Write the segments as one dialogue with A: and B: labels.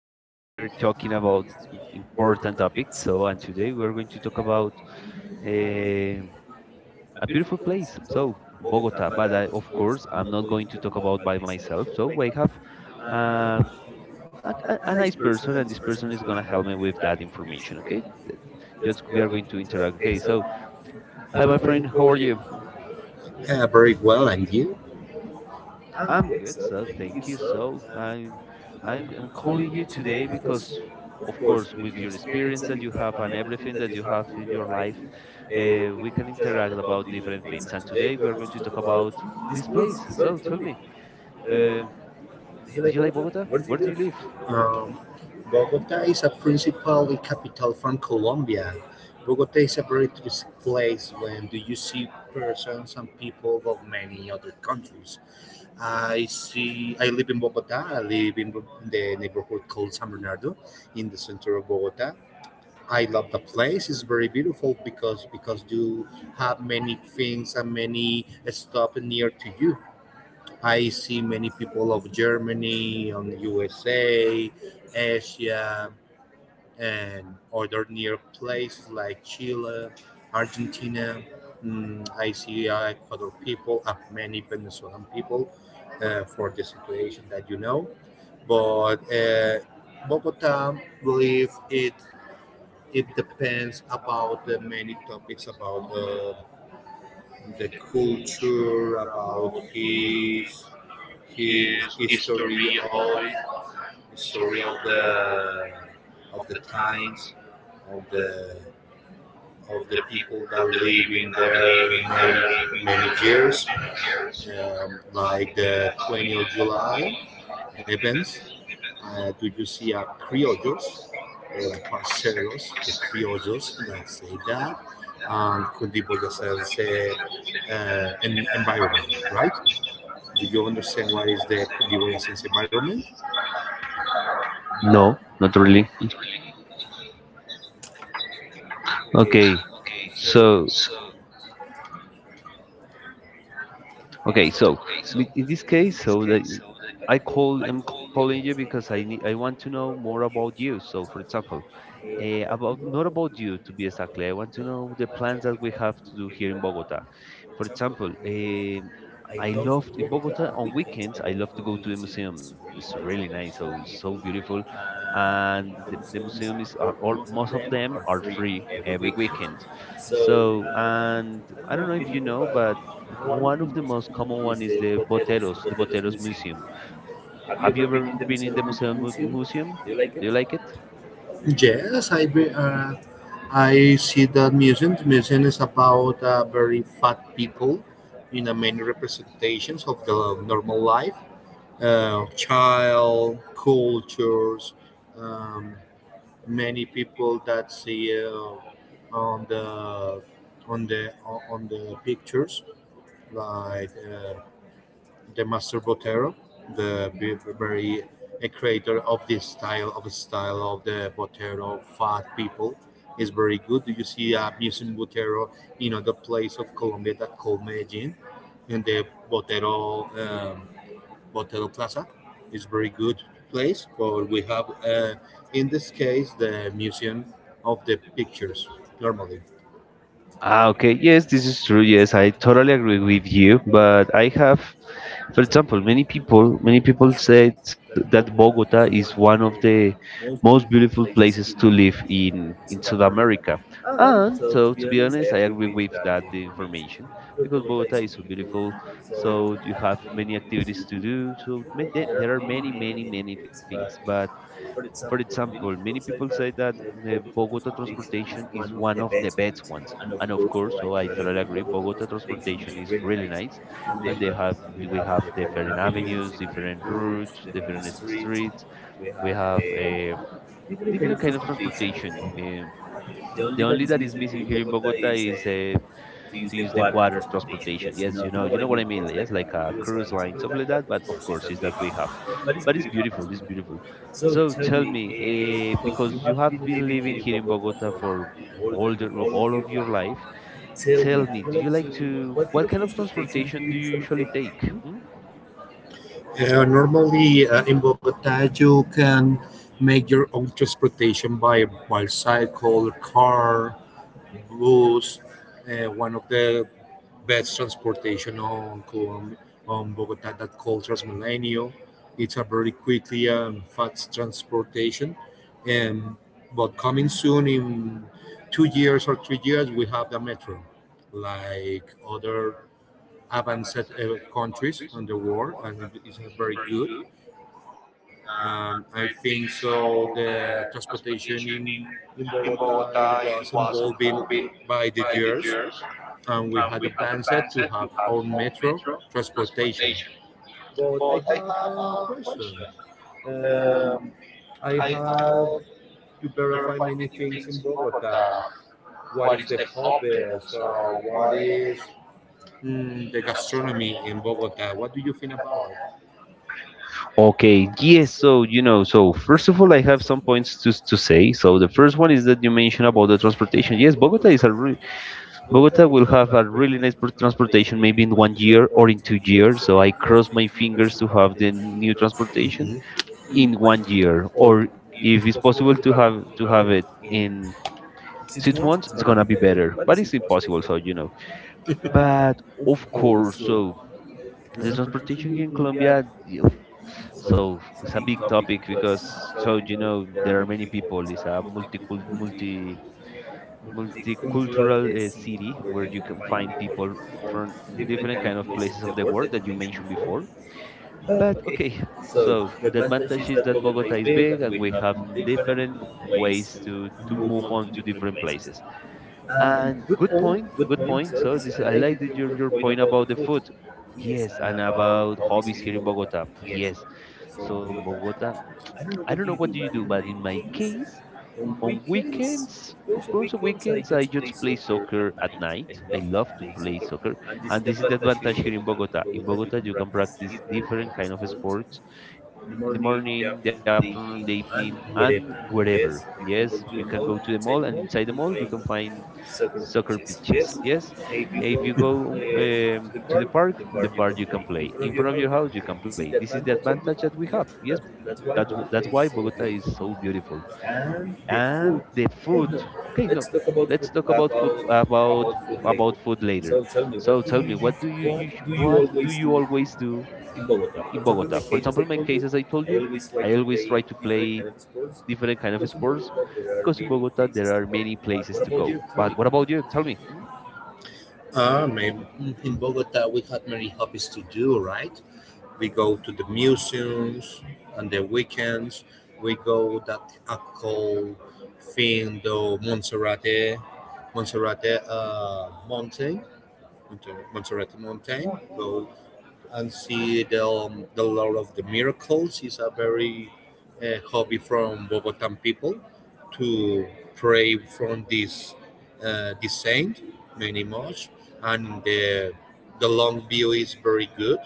A: we are here talking about important topics. And today we are going to talk about uh, a beautiful place. So Bogota, but of course I'm not going to talk about by myself. So we have uh, a nice person, and this person is gonna help me with that information. Okay, just we are going to interact. Okay, so hi, my friend. How are you?
B: Very well, and you?
A: I'm good, so thank you. I'm calling you today because, of course, with your experience that you have and everything that you have in your life, we can interact about different things. And today we are going to talk about this place. So tell me, uh, do you like Bogota? Where do you live?
B: Um, Bogota is a principally capital from Colombia. Bogota is a very touristic place. When do you see persons and people of many other countries? I see. I live in Bogota. I live in the neighborhood called San Bernardo, in the center of Bogota. I love the place. It's very beautiful because you have many things and many stuff near to you. I see many people of Germany, on USA, Asia, and other near places like Chile, Argentina. I see other people, many Venezuelan people, for the situation that you know. But Bogota, believe it, it depends about the many topics about the culture, about his history or history of the times of the of the people that live in there many many years, like the 20th of July events. Do you see a criollos or a parceros, the criollos that say that, could be boyacense uh, environment, right? Do you understand what is the Cundiboyacense environment?
A: No, not really. Okay, so okay, so in this case, so that I'm calling you because I want to know more about you. So, for example, Eh, about not about you to be exactly. I want to know the plans that we have to do here in Bogota. For example, I love in Bogota on weekends. I love to go to the museum. It's really nice. So so beautiful, and the museum is are all most of them are free every weekend. And I don't know if you know, but one of the most common one is the Boteros Museum. Have you ever been in the museum? Museum? Do you like it?
B: Yes, I be, I see that museum. The museum is about very fat people in many representations of the normal life, child cultures, um, many people that see on the on the on the pictures like the master Botero, the very a creator of this style of the Botero fat people is very good. You see, a am using Botero in other place of Colombia that called Medellin, and the Botero, Botero Plaza is very good place. But we have in this case the museum of the pictures normally.
A: Ah, okay. Yes, this is true. Yes, I totally agree with you. But I have, for example, many people say that Bogota is one of the most beautiful places to live in South America. And so, to be honest, I agree with that information because Bogota is so beautiful. So you have many activities to do. There are many, many, many things. But for example, many people say that Bogota transportation is one of the best ones. And of course, so I totally agree. Bogota transportation is really nice, and they have we have different avenues, different routes, different streets. We have a different kind of transportation. The only that is missing here in Bogota is to use the water transportation. Yes, you know what I mean. Yes, like a cruise line, something like that. But of course, it's that we have. But it's beautiful. It's beautiful. So tell me, because you have been living here in Bogota for all of your life, tell me, do you like to? What kind of transportation do you usually take? Hmm?
B: Normally, in Bogota, you can make your own transportation by bicycle, car, bus. One of the best transportation on Colombia, on Bogota that called Transmilenio. It's a very quickly and fast transportation. Um, but coming soon in 2 years or 3 years, we have the metro, like other advanced countries on the world, and it is very good. I think so. The transportation in Bogota it was evolving by the years, and we had advanced to have our metro transportation. But I have a question. Um, I have to verify many things in Bogota. What is the hobbies? Or what is, the gastronomy in Bogota? What do you think about it?
A: Okay, yes, so you know, so first of all, I have some points to say. So the first one is that you mentioned about the transportation. Yes, Bogota will have a really nice transportation maybe in 1 year or in 2 years. So I cross my fingers to have the new transportation in 1 year, or if it's possible to have it in 6 months, it's gonna be better. But it's impossible, so you know. But of course, so the transportation here in Colombia, yeah, so it's a big topic because so you know there are many people. It's a multi multicultural city where you can find people from different kind of places of the world that you mentioned before. But okay, so the advantage is that Bogota is big and we have different ways to move on to different places. And good point, good point. So this I like your point about the food. Yes, and about hobbies here in Bogota. Yes. So in Bogota, I don't know what do you do, but in my case, on weekends, of course, on weekends I just play soccer at night. I love to play soccer, and this is the advantage here in Bogota. In Bogota, you can practice different kind of sports in the morning, the afternoon, the evening, and wherever. Yes, you can go to the mall, and inside the mall you can find soccer pitches. Yes, if you go to the park, in the park you can play. In front of your house, you can play. This is the advantage that we have. Yes, that's why Bogota is so beautiful and the food okay no let's talk about food about food later. So tell me you what do you always do in Bogota. For example, in my case, as I told you, I always try to play different kind of sports because in Bogota there are many places to go. But what about you? Tell me. Hmm?
B: In Bogota, we had many hobbies to do, right? We go to the museums on the weekends. We go that are called Findo Monserrate, Monserrate Mountain, Monserrate Mountain. Go and see the Lord of the Miracles. It's a very hobby from Bogotan people to pray from this this saint many much, and the long view is very good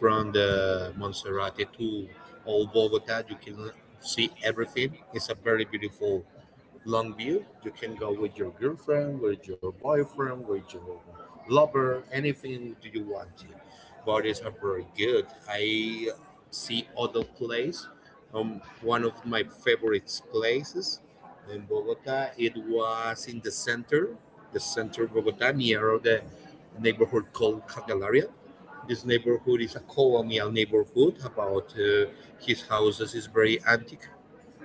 B: from the Monserrate to all Bogota. You can see everything. It's a very beautiful long view. You can go with your girlfriend, with your boyfriend, with your lover, anything do you want to. Bodies are very good. I see other place. One of my favorite places in Bogota. It was in the center of Bogota, near the neighborhood called Candelaria. This neighborhood is a colonial neighborhood. About his houses is very antique,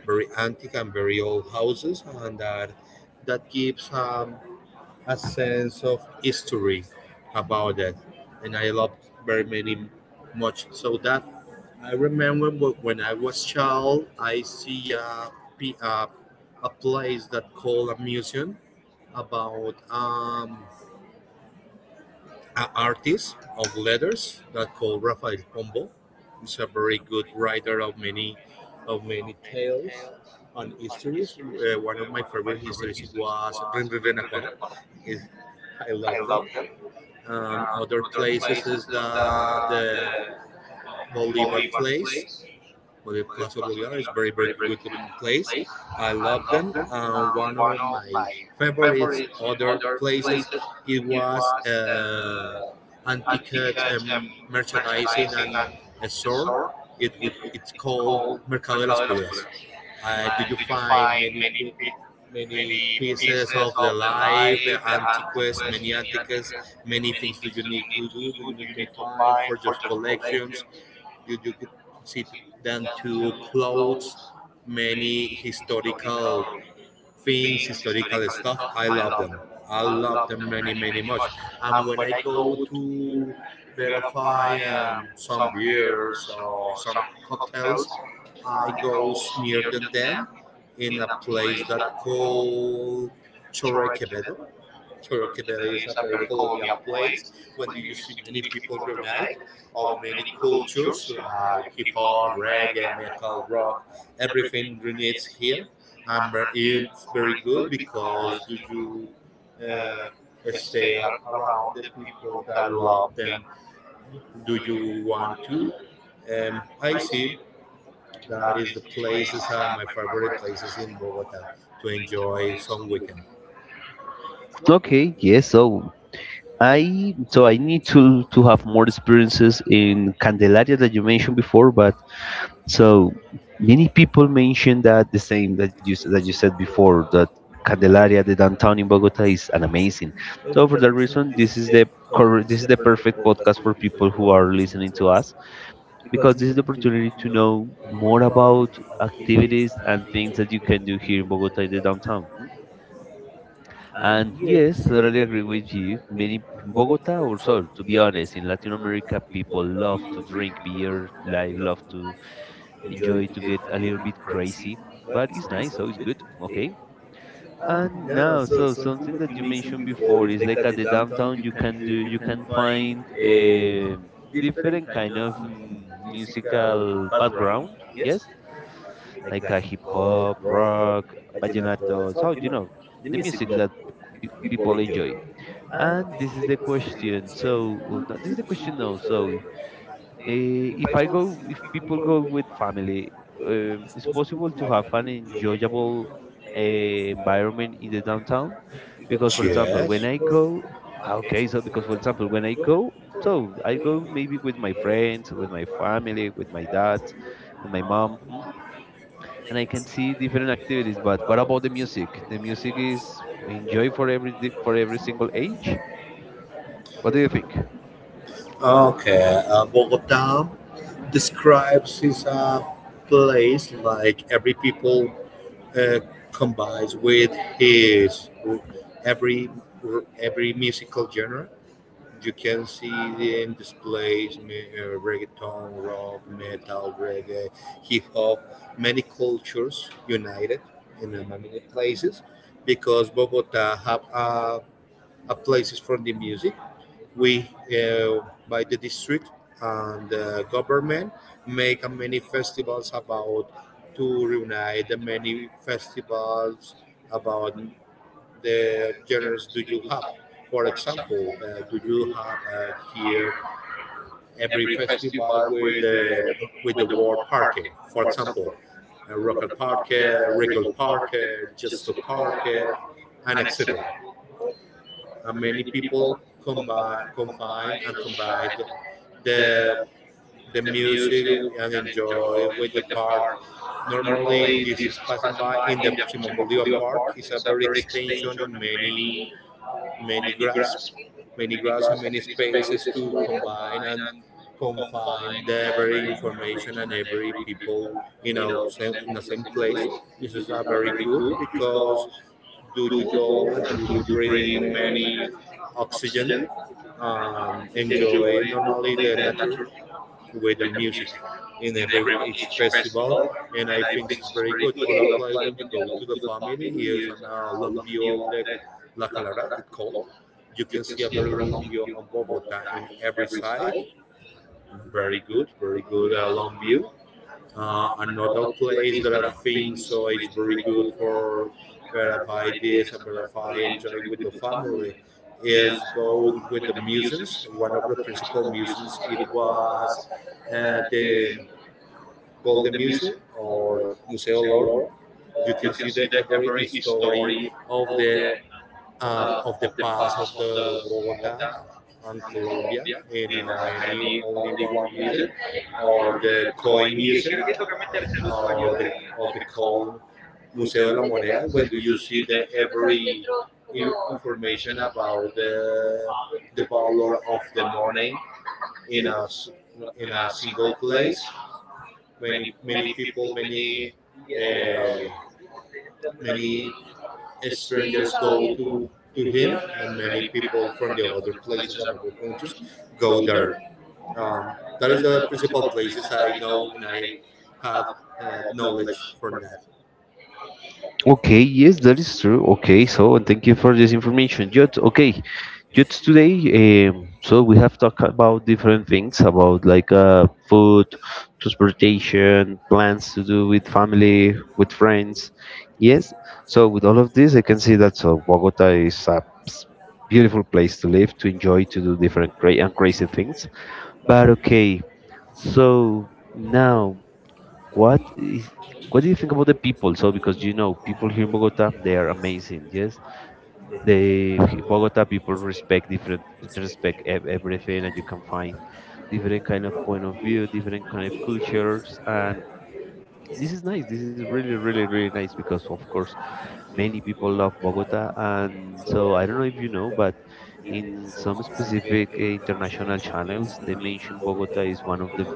B: very antique and very old houses, and that that gives, a sense of history about it. And I loved very many much so that I remember when I was child, I see a, p- a, a place that called a museum about an artist of letters that called Rafael Pombo. He's a very good writer of many tales and histories. One of my favorite histories was Rin Rin Renacuajo. I love them. Other places is the Bolivar place, but Plaza Bolívar is very, very good place. I love them. And one of my favorite other places, it was antique, merchandising and a store. It it's called Mercado de las Pulgas. Do you find many many pieces of the life, antiques, many things do you need to do? Do you need to find for just collections? You could sit down to clothes, many historical things, historical stuff. I love them. I love them many, many much. And when I go to verify some beers or some cocktails, I goes near than them in a place that called Chorre Quevedo. Turkey is a very colonial place. When do you see many people reunite of many cultures like hip hop, reggae, metal, rock, everything reunites here. And it's very good because do you uh, stay around the people that love them? Do you want to? I see that is the places are my favorite places in Bogota to enjoy some weekend.
A: Okay, yes, so I so I need to have more experiences in Candelaria that you mentioned before. But so many people mention that the same that that you said before that Candelaria, the downtown in Bogota, is an amazing. So for that reason, this is the this is the perfect podcast for people who are listening to us because this is the opportunity to know more about activities and things that you can do here in Bogota in the downtown. Mm. And yes, totally agree with you. Many Bogota also, to be honest, in Latin America, people love to drink beer, like love to enjoy to get a little bit crazy, but it's nice, so it's good. Okay. And now, so something that you mentioned before is like at the downtown, you can find a different kind of musical background. Yes, like a hip hop, rock, vallenato. So you know the music that people enjoy. And this is the question. So oh, no, this is the question now. If I go, if people
B: Go
A: go with family, it's possible to have an enjoyable environment in the downtown. Because, for example, when
B: Yes.
A: I go, ah, okay, so because, for example, when I go, so I go maybe with my friends, with my family, with my dad, with my mom, hmm, and I can see different activities. But what about the music? The music is enjoy for for every single age. What do you think?
B: Okay. Bogota describes is a place like every people uh, combines with his every every musical genre. You can see them displays reggaeton, rock, metal, reggae, hip hop, many cultures united in many places because Bogota have a places for the music. We uh, by the district and the government make many festivals about to reunite the many festivals about the genres do you have? For example, do you have here every festival with the word parque? For example, local parque, regular parque, just a parque, and etc. And many people combine, combine and combine the the music and enjoy with the park. Normally, this is passing by in the Simon Bolivar Park. It's a very extension of many many graphs, many graphs and many spaces to combine and confine the every information and every people you know same, in the same place. This is not very good because do you go and do you breathe in many oxygen and enjoy normally the nature with the music in every each festival. And I think it's very good other place when you go to the family here's on a long view of the la calara it's called. You can see a very long view on Bogota in every side, very good, very good, long view. Another place that I think so it's very good for verify this and verify enjoy with the family is go with the museums. One of the principal museums it was the Golden Museum or Museo Loro. You can see the every story of the of the past of the Bogota and Colombia in many only one museum or the Koi Museum of the of the called Museo de la Moneda when do you see the every information about the valor of the money in a in a single place. Many many people many, uh, many strangers go to him and many people from the other places and other countries go there. um, that is the principal places I know and I have knowledge from that.
A: Okay, yes, that is true. Okay, so and thank you for this information, Jot. Okay, Jot, today, so we have talked about different things about like food, transportation, plans to do with family, with friends. Yes, so with all of this, I can see that so Bogota is a s- beautiful place to live, to enjoy, to do different great and crazy things. But okay, so now. What do you think about the people? So because you know people here in Bogota, they are amazing. Yes, they Bogota people respect everything, and you can find different kind of point of view, different kind of cultures, and this is nice. This is really, really, really nice because of course many people love Bogota, and so I don't know if you know, but in some specific international channels, they mention Bogota is one of the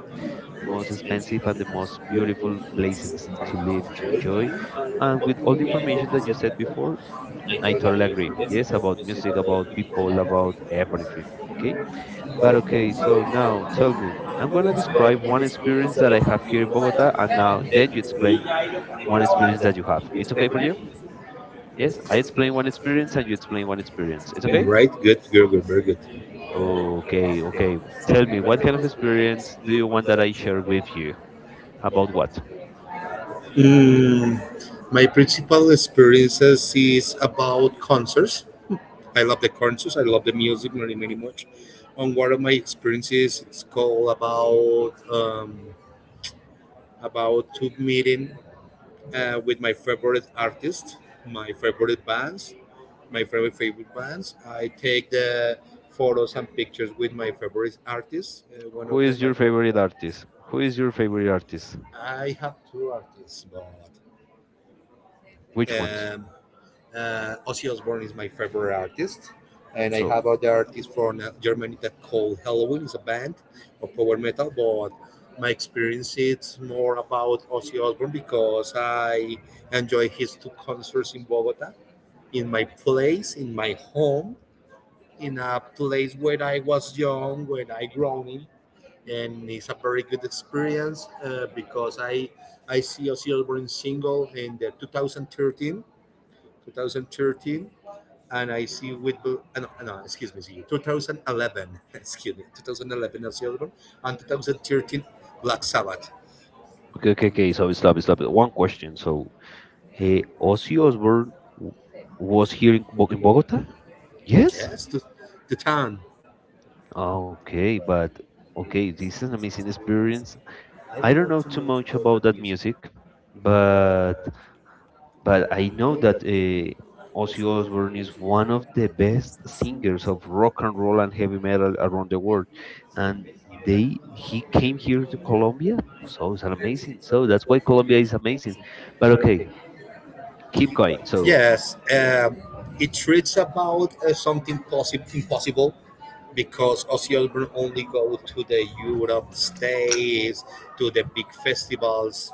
A: most expensive and the most beautiful places to live to enjoy. And with all the information that you said before, I totally agree. Yes, about music, about people, about everything. Okay, but okay, so now tell me, I'm going to describe one experience that I have here in Bogota, and now then you explain one experience that you have. It's okay for you?
B: Yes,
A: Yes, I
B: let's play
A: explain
B: one
A: one
B: experience and
A: experience and you
B: let's play
A: explain
B: one
A: one
B: experience.
A: experience.
B: It's all
A: It's
B: good.
A: okay.
B: Right, good, good, good, very good.
A: Okay, okay, tell me what kind of experience do you want that I share with you. About what?
B: Mm, my principal experiences is about concerts. I love the concerts. I love the music very, very much. And one of my experiences, it's called about to meeting with my favorite artists, my favorite bands, my favorite bands. I take the photos and pictures with my favorite artists. One Who of
A: Who
B: is them,
A: is
B: your my
A: your
B: favorite.
A: favorite
B: Favorite artist?
A: artist? Who is your favorite artist?
B: I have two artists, but
A: Which ones?
B: um, Ozzy Osbourne is my favorite artist, and I
A: So,
B: have other artists from Germany that called Halloween is a band of power metal, but my experience is more about Ozzy Osbourne because I enjoy his two concerts in Bogota, in my place, in my home, in a place where I was young, when I growing, and it's a very good experience because I see Ozzy Osbourne single in the 2013 and I see with no, no excuse me see 2011 excuse me 2011 Ozzy Osbourne and 2013 Black Sabbath.
A: okay, okay, okay. So stop, stop. One question. So, hey, Ozzy Osbourne was here in, in Bogota? Yes.
B: Yes, the town.
A: Okay, but okay, this is an amazing experience. I don't know too much about that music, but I know that Ozzy Osbourne is one of the best singers of rock and roll and heavy metal around the world, and they he came here to Colombia, so it's amazing. So that's why Colombia is amazing. But okay, keep going. So
B: Yes, it treats about something possible impossible because Ozzy Osbourne only go to the Europe states, to the big festivals,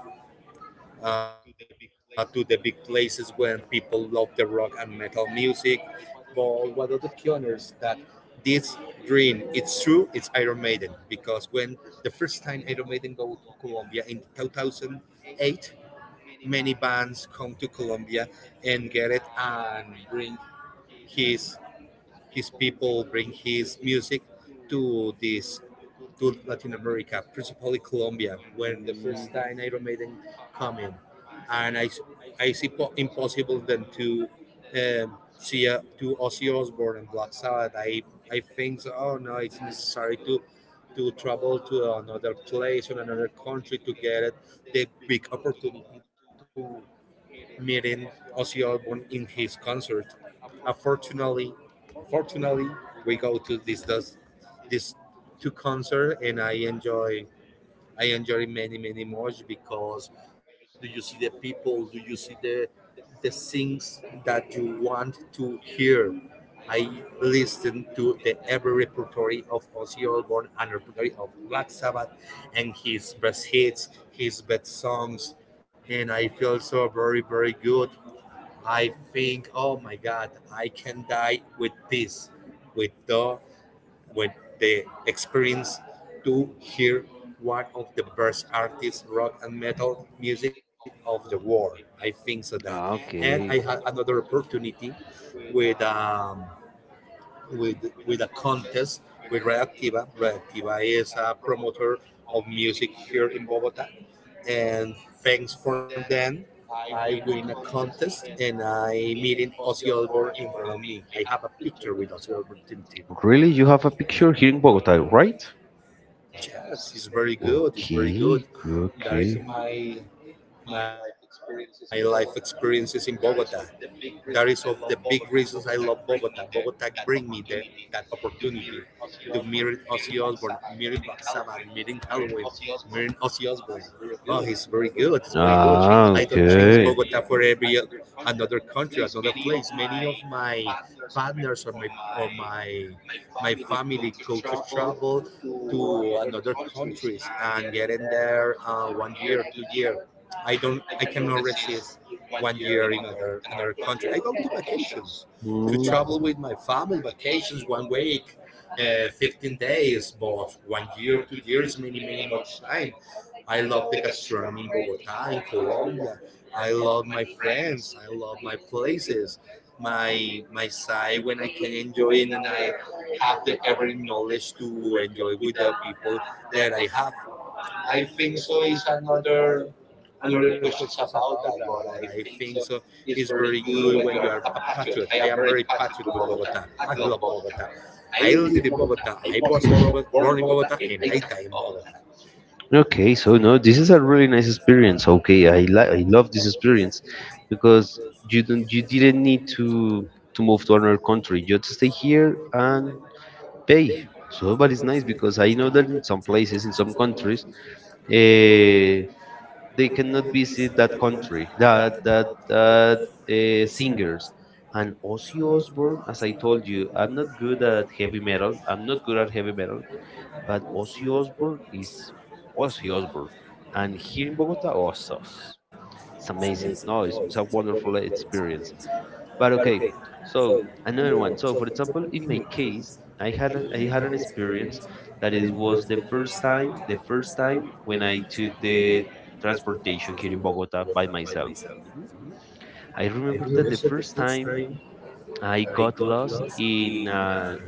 B: to the big places when people love the rock and metal music. But one of the pioneers that this dream it's true it's Iron Maiden because when the first time Iron Maiden go to Colombia in 2008 many bands come to Colombia and get it and bring his his people bring his music to this to Latin America, principally Colombia, when the first time Iron Maiden come in, and I see impossible then to see to Ozzy Osbourne and Black Sabbath. I think so, oh no, it's necessary to travel to another place or another country to get it, the big opportunity to meeting Ozzy Osbourne in his concert. Unfortunately, unfortunately, we go to these two concert and I enjoy many many much because do you see the people? Do you see the things that you want to hear? I listen to the every repertory of Ozzy Osbourne and repertory of Black Sabbath, and his best hits, his best songs, and I feel so very very good. I think, oh my God, I can die with this, with the, with the experience to hear one of the best artists rock and metal music of the world. I think so that, and I had another opportunity with um, with with a contest with Radioactiva. Radioactiva is a promoter of music here in Bogota, and thanks for them, I win a contest and I meeting Ozzy Osbourne in front of me. I have a picture with Ozzy Osbourne. In
A: really, you have a picture here in Bogota, right?
B: yes, it's very good. It's very good.
A: Good,
B: That is my life experiences in Bogota. That is of the big reasons I love Bogota. Bogota bring me that opportunity to meet Ozzy Osbourne, meet Black Sabbath, meeting Halloween, meeting Ozzy Osbourne. Oh, he's very good. He's very good.
A: do
B: I don't
A: ah,
B: change Bogota for
A: okay.
B: every another country, another place. Many of my partners or my my family go to travel to another countries and get in there 1 year, 2 year. I don't. I cannot resist 1 year in other another country. I go to vacations,
A: We
B: to travel with
A: mm.
B: my family, vacations 1 week, 15 days, but 1 year, 2 years, many many much time. I love the gastronomy in Bogota, in Colombia. I love my friends. I love my places. My side when I can enjoy it and I have the every knowledge to enjoy with the people that I have. I think so is another another questions about that, but I think so is very good when you are a patriot. I am very patriot with Bogota. I love Bogota. I live in Bogota. I was in Bogota, born in Bogota, and I die in Bogota.
A: Okay, so no, this is a really nice experience. Okay, I love this experience because you didn't need to move to another country. You just stay here and pay. So but it's nice because I know that in some places, in some countries, uh, they cannot visit that country, that singers. And Ozzy Osbourne, as I told you, I'm not good at heavy metal. I'm not good at heavy metal, but Ozzy Osbourne is Ozzy Osbourne, and here in Bogota, it's amazing. No, it's a wonderful experience. But okay, so another one. So for example, in my case, I had an experience that it was the first time when I took the transportation here in Bogota by myself. Mhm. I remember that the first time I got lost in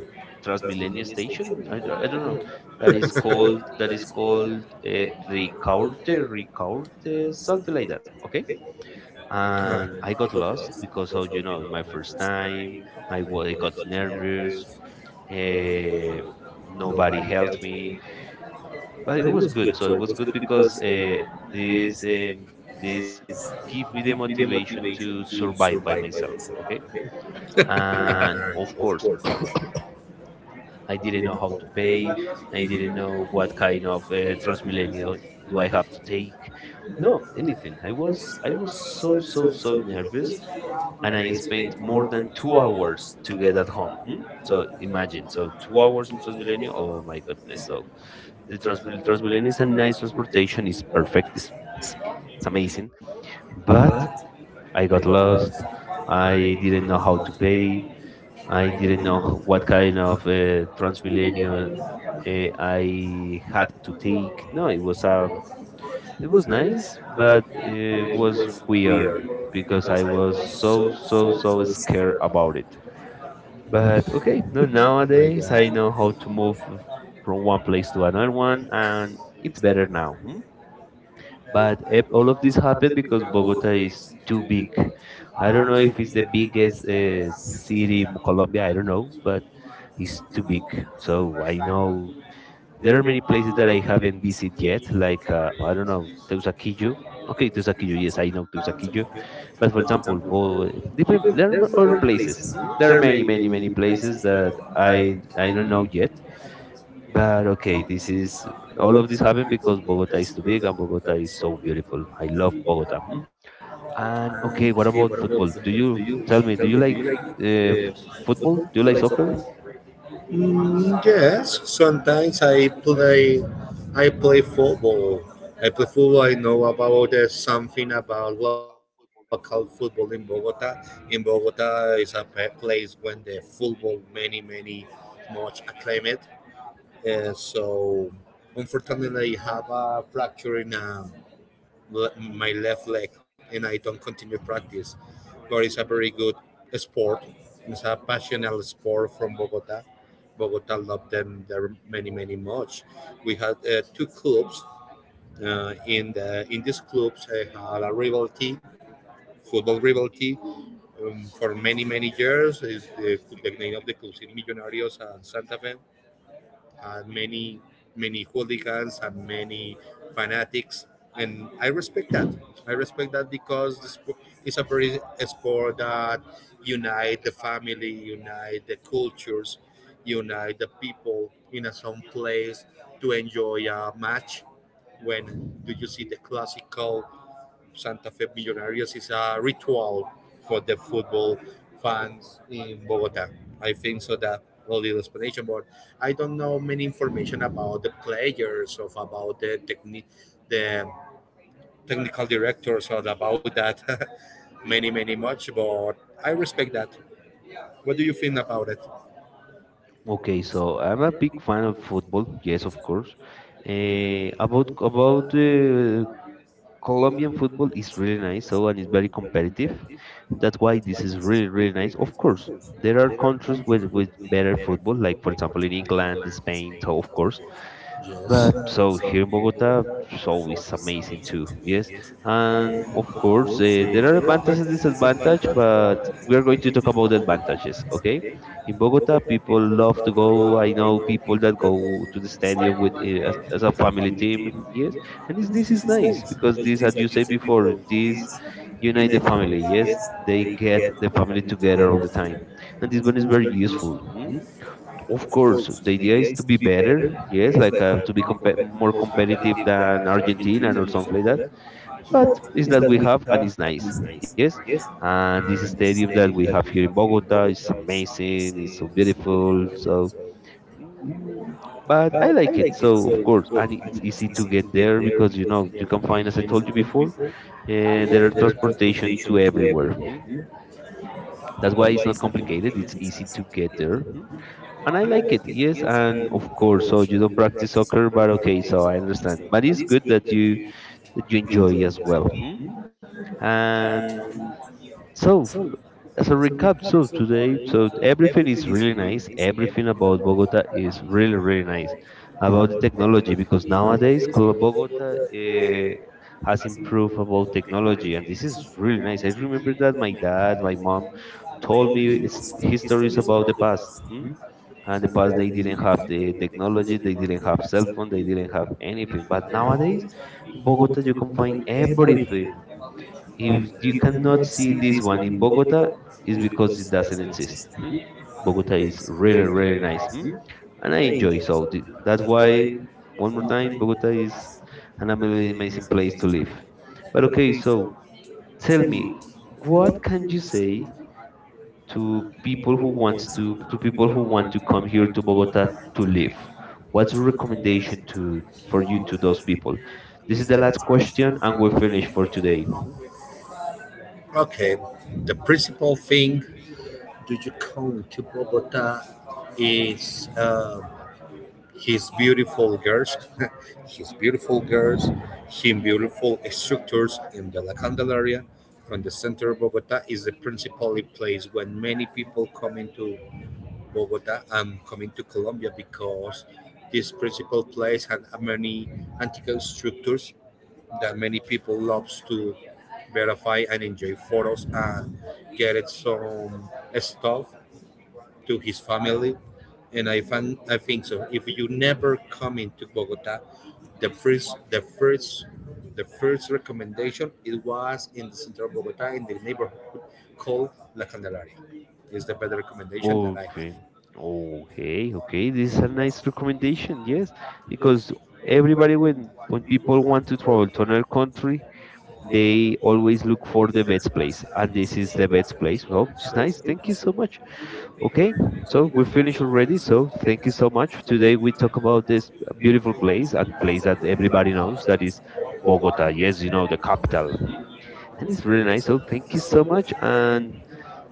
A: Transmilenio station. I don't know. That is called Ricaurte, something like that. Okay, and I
B: Uh,
A: got lost because of my first time. I got nervous. Uh, Nobody helped me, but it was good. So it was good because this um, this give me the motivation to survive by myself. Okay, and of course I didn't know how to pay. I didn't know what kind of Transmilenio do I have to take. No, anything. I was so so nervous, and I spent more than 2 hours to get at home. Hmm? So imagine, so 2 hours in Transmilenio. Oh my goodness! So the Transmilenio is a nice transportation. It's perfect. It's, it's amazing. But I got lost. I didn't know how to pay. I didn't know what kind of Transmilenio I had to take. No, it was nice, but it was weird because I was so so scared about it. But okay, no,
B: my
A: nowadays I know how to move from one place to another one, and it's better now. Hmm? But all of this happened because Bogota is too big. I don't know if it's the biggest city in Colombia. I don't know, but it's too big. So I know there are many places that I haven't visited yet, like I don't know, Teusaquillo. Okay, Teusaquillo, yes, I know Teusaquillo, but for example, different there are other places. Mm. There are many, many, many places that I don't know yet. But okay, this is all of this happened because Bogota is too big and Bogota is so beautiful. I love Bogota. Mm. And okay, what about football? Do you tell me? Do you like uh, f- football? Do you like soccer?
B: mm, yes, sometimes I play. I play football. I play football. I know about something about local football in Bogota. In Bogota is a pe- place when the football many many much acclaimed. So unfortunately, I have a fracture in le- my left leg and I don't continue practice. But it's a very good sport. It's a passionate sport from Bogota. Bogota loved them there many many much. We had two clubs. In these clubs, I had a rivalry, football rivalry, for many many years. The name of the clubs is Millonarios and Santa Fe had many, many hooligans and many fanatics, and I respect that. I respect that because the sp- it's a, very, a sport that unite the family, unite the cultures, unite the people in a some place to enjoy a match. When do you see the classical Santa Fe Millonarios is a ritual for the football fans in Bogota. I think so that a little explanation, but I don't know many information about the players of about the technique, the technical directors or about that many many much. But I respect that. What do you think about it?
A: Okay, so I'm a big fan of football. Yes, of course. Eh, about Colombian football is really nice. So and it's very competitive. That's why this is really nice. Of course, there are countries with better football, like for example in England, Spain. So of course,
B: Yes.
A: but so here in Bogota, so it's amazing too. Yes, and of course there are advantages and disadvantages, but we are going to talk about the advantages. Okay, in Bogota, people love to go. I know people that go to the stadium with as a family team. Yes, and this is nice because this, as you said before, this unite the family. Yes, they get the family together all the time, and this one is very useful. Hmm? Of course, the idea is to be better. Yes, like to be more competitive than Argentina or something like that. But it's that we have and it's nice. Yes, and this stadium that we have here in Bogota is amazing. It's so beautiful. So, mm, but I like it. So of course, and it's easy to get there because you know you can find, as I told you before, there are transportation to everywhere. Mm. That's why it's not complicated. It's easy to get there. Hmm? And I like it, yes, and of course. So you don't practice soccer, but okay, so I understand. But it's good that you enjoy as well. Hmm? And so, as a recap, so today, so everything is really nice. Everything about Bogota is really nice about the technology, because nowadays Bogota has improved about technology, and this is really nice. I remember that my dad, my mom told me it's histories about the past. Hmm? And in the past, they didn't have the technology, they didn't have cell phone, they didn't have anything. But nowadays, in Bogota, you can find everything. If you cannot see this one in Bogota, it's because it doesn't exist. Hmm? Bogota is really, really nice. Hmm? And I enjoy. So that's why, one more time, Bogota is an amazing place to live. But okay, so tell me, what can you say to people who wants to people who want to come here to Bogota to live? What's your recommendation to for you to those people? This is the last question, and we're finished for today.
B: Okay. The principal thing do you come to Bogota is his beautiful girls, his beautiful girls, him beautiful structures in the La Candelaria from the center of Bogota is the principal place when many people come into Bogota and come into Colombia because this principal place had many antique structures that many people loves to
A: Mhm.
B: verify and enjoy photos and get it some stuff to his family. And I find, I think so. If you never come into Bogota, the first the first the first recommendation it was in the center of Bogota in the neighborhood called La Candelaria. Is the better recommendation that I have.
A: Okay. Okay. This is a nice recommendation, yes, because everybody, when people want to travel to another country, they always look for the best place, and this is the best place. Well, it's nice. Thank you so much. Okay, so we finished already. So thank you so much. Today we talk about this beautiful place, and place that everybody knows, that is Bogota. Yes, you know, the capital. Mhm. And it's really nice. So thank you so much, and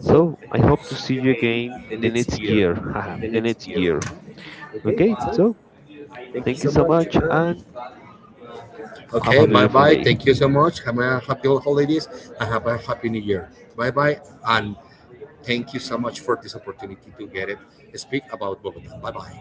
A: so I hope to see you again the next year haha, the next year. Hmm? Okay, so thank you so much, and have
B: Okay,
A: a
B: bye
A: beautiful
B: bye.
A: day.
B: Thank you so much. Have a happy holidays and have a happy new year. Bye bye and thank you so much for this opportunity to get it speak about Bogota. Bye bye.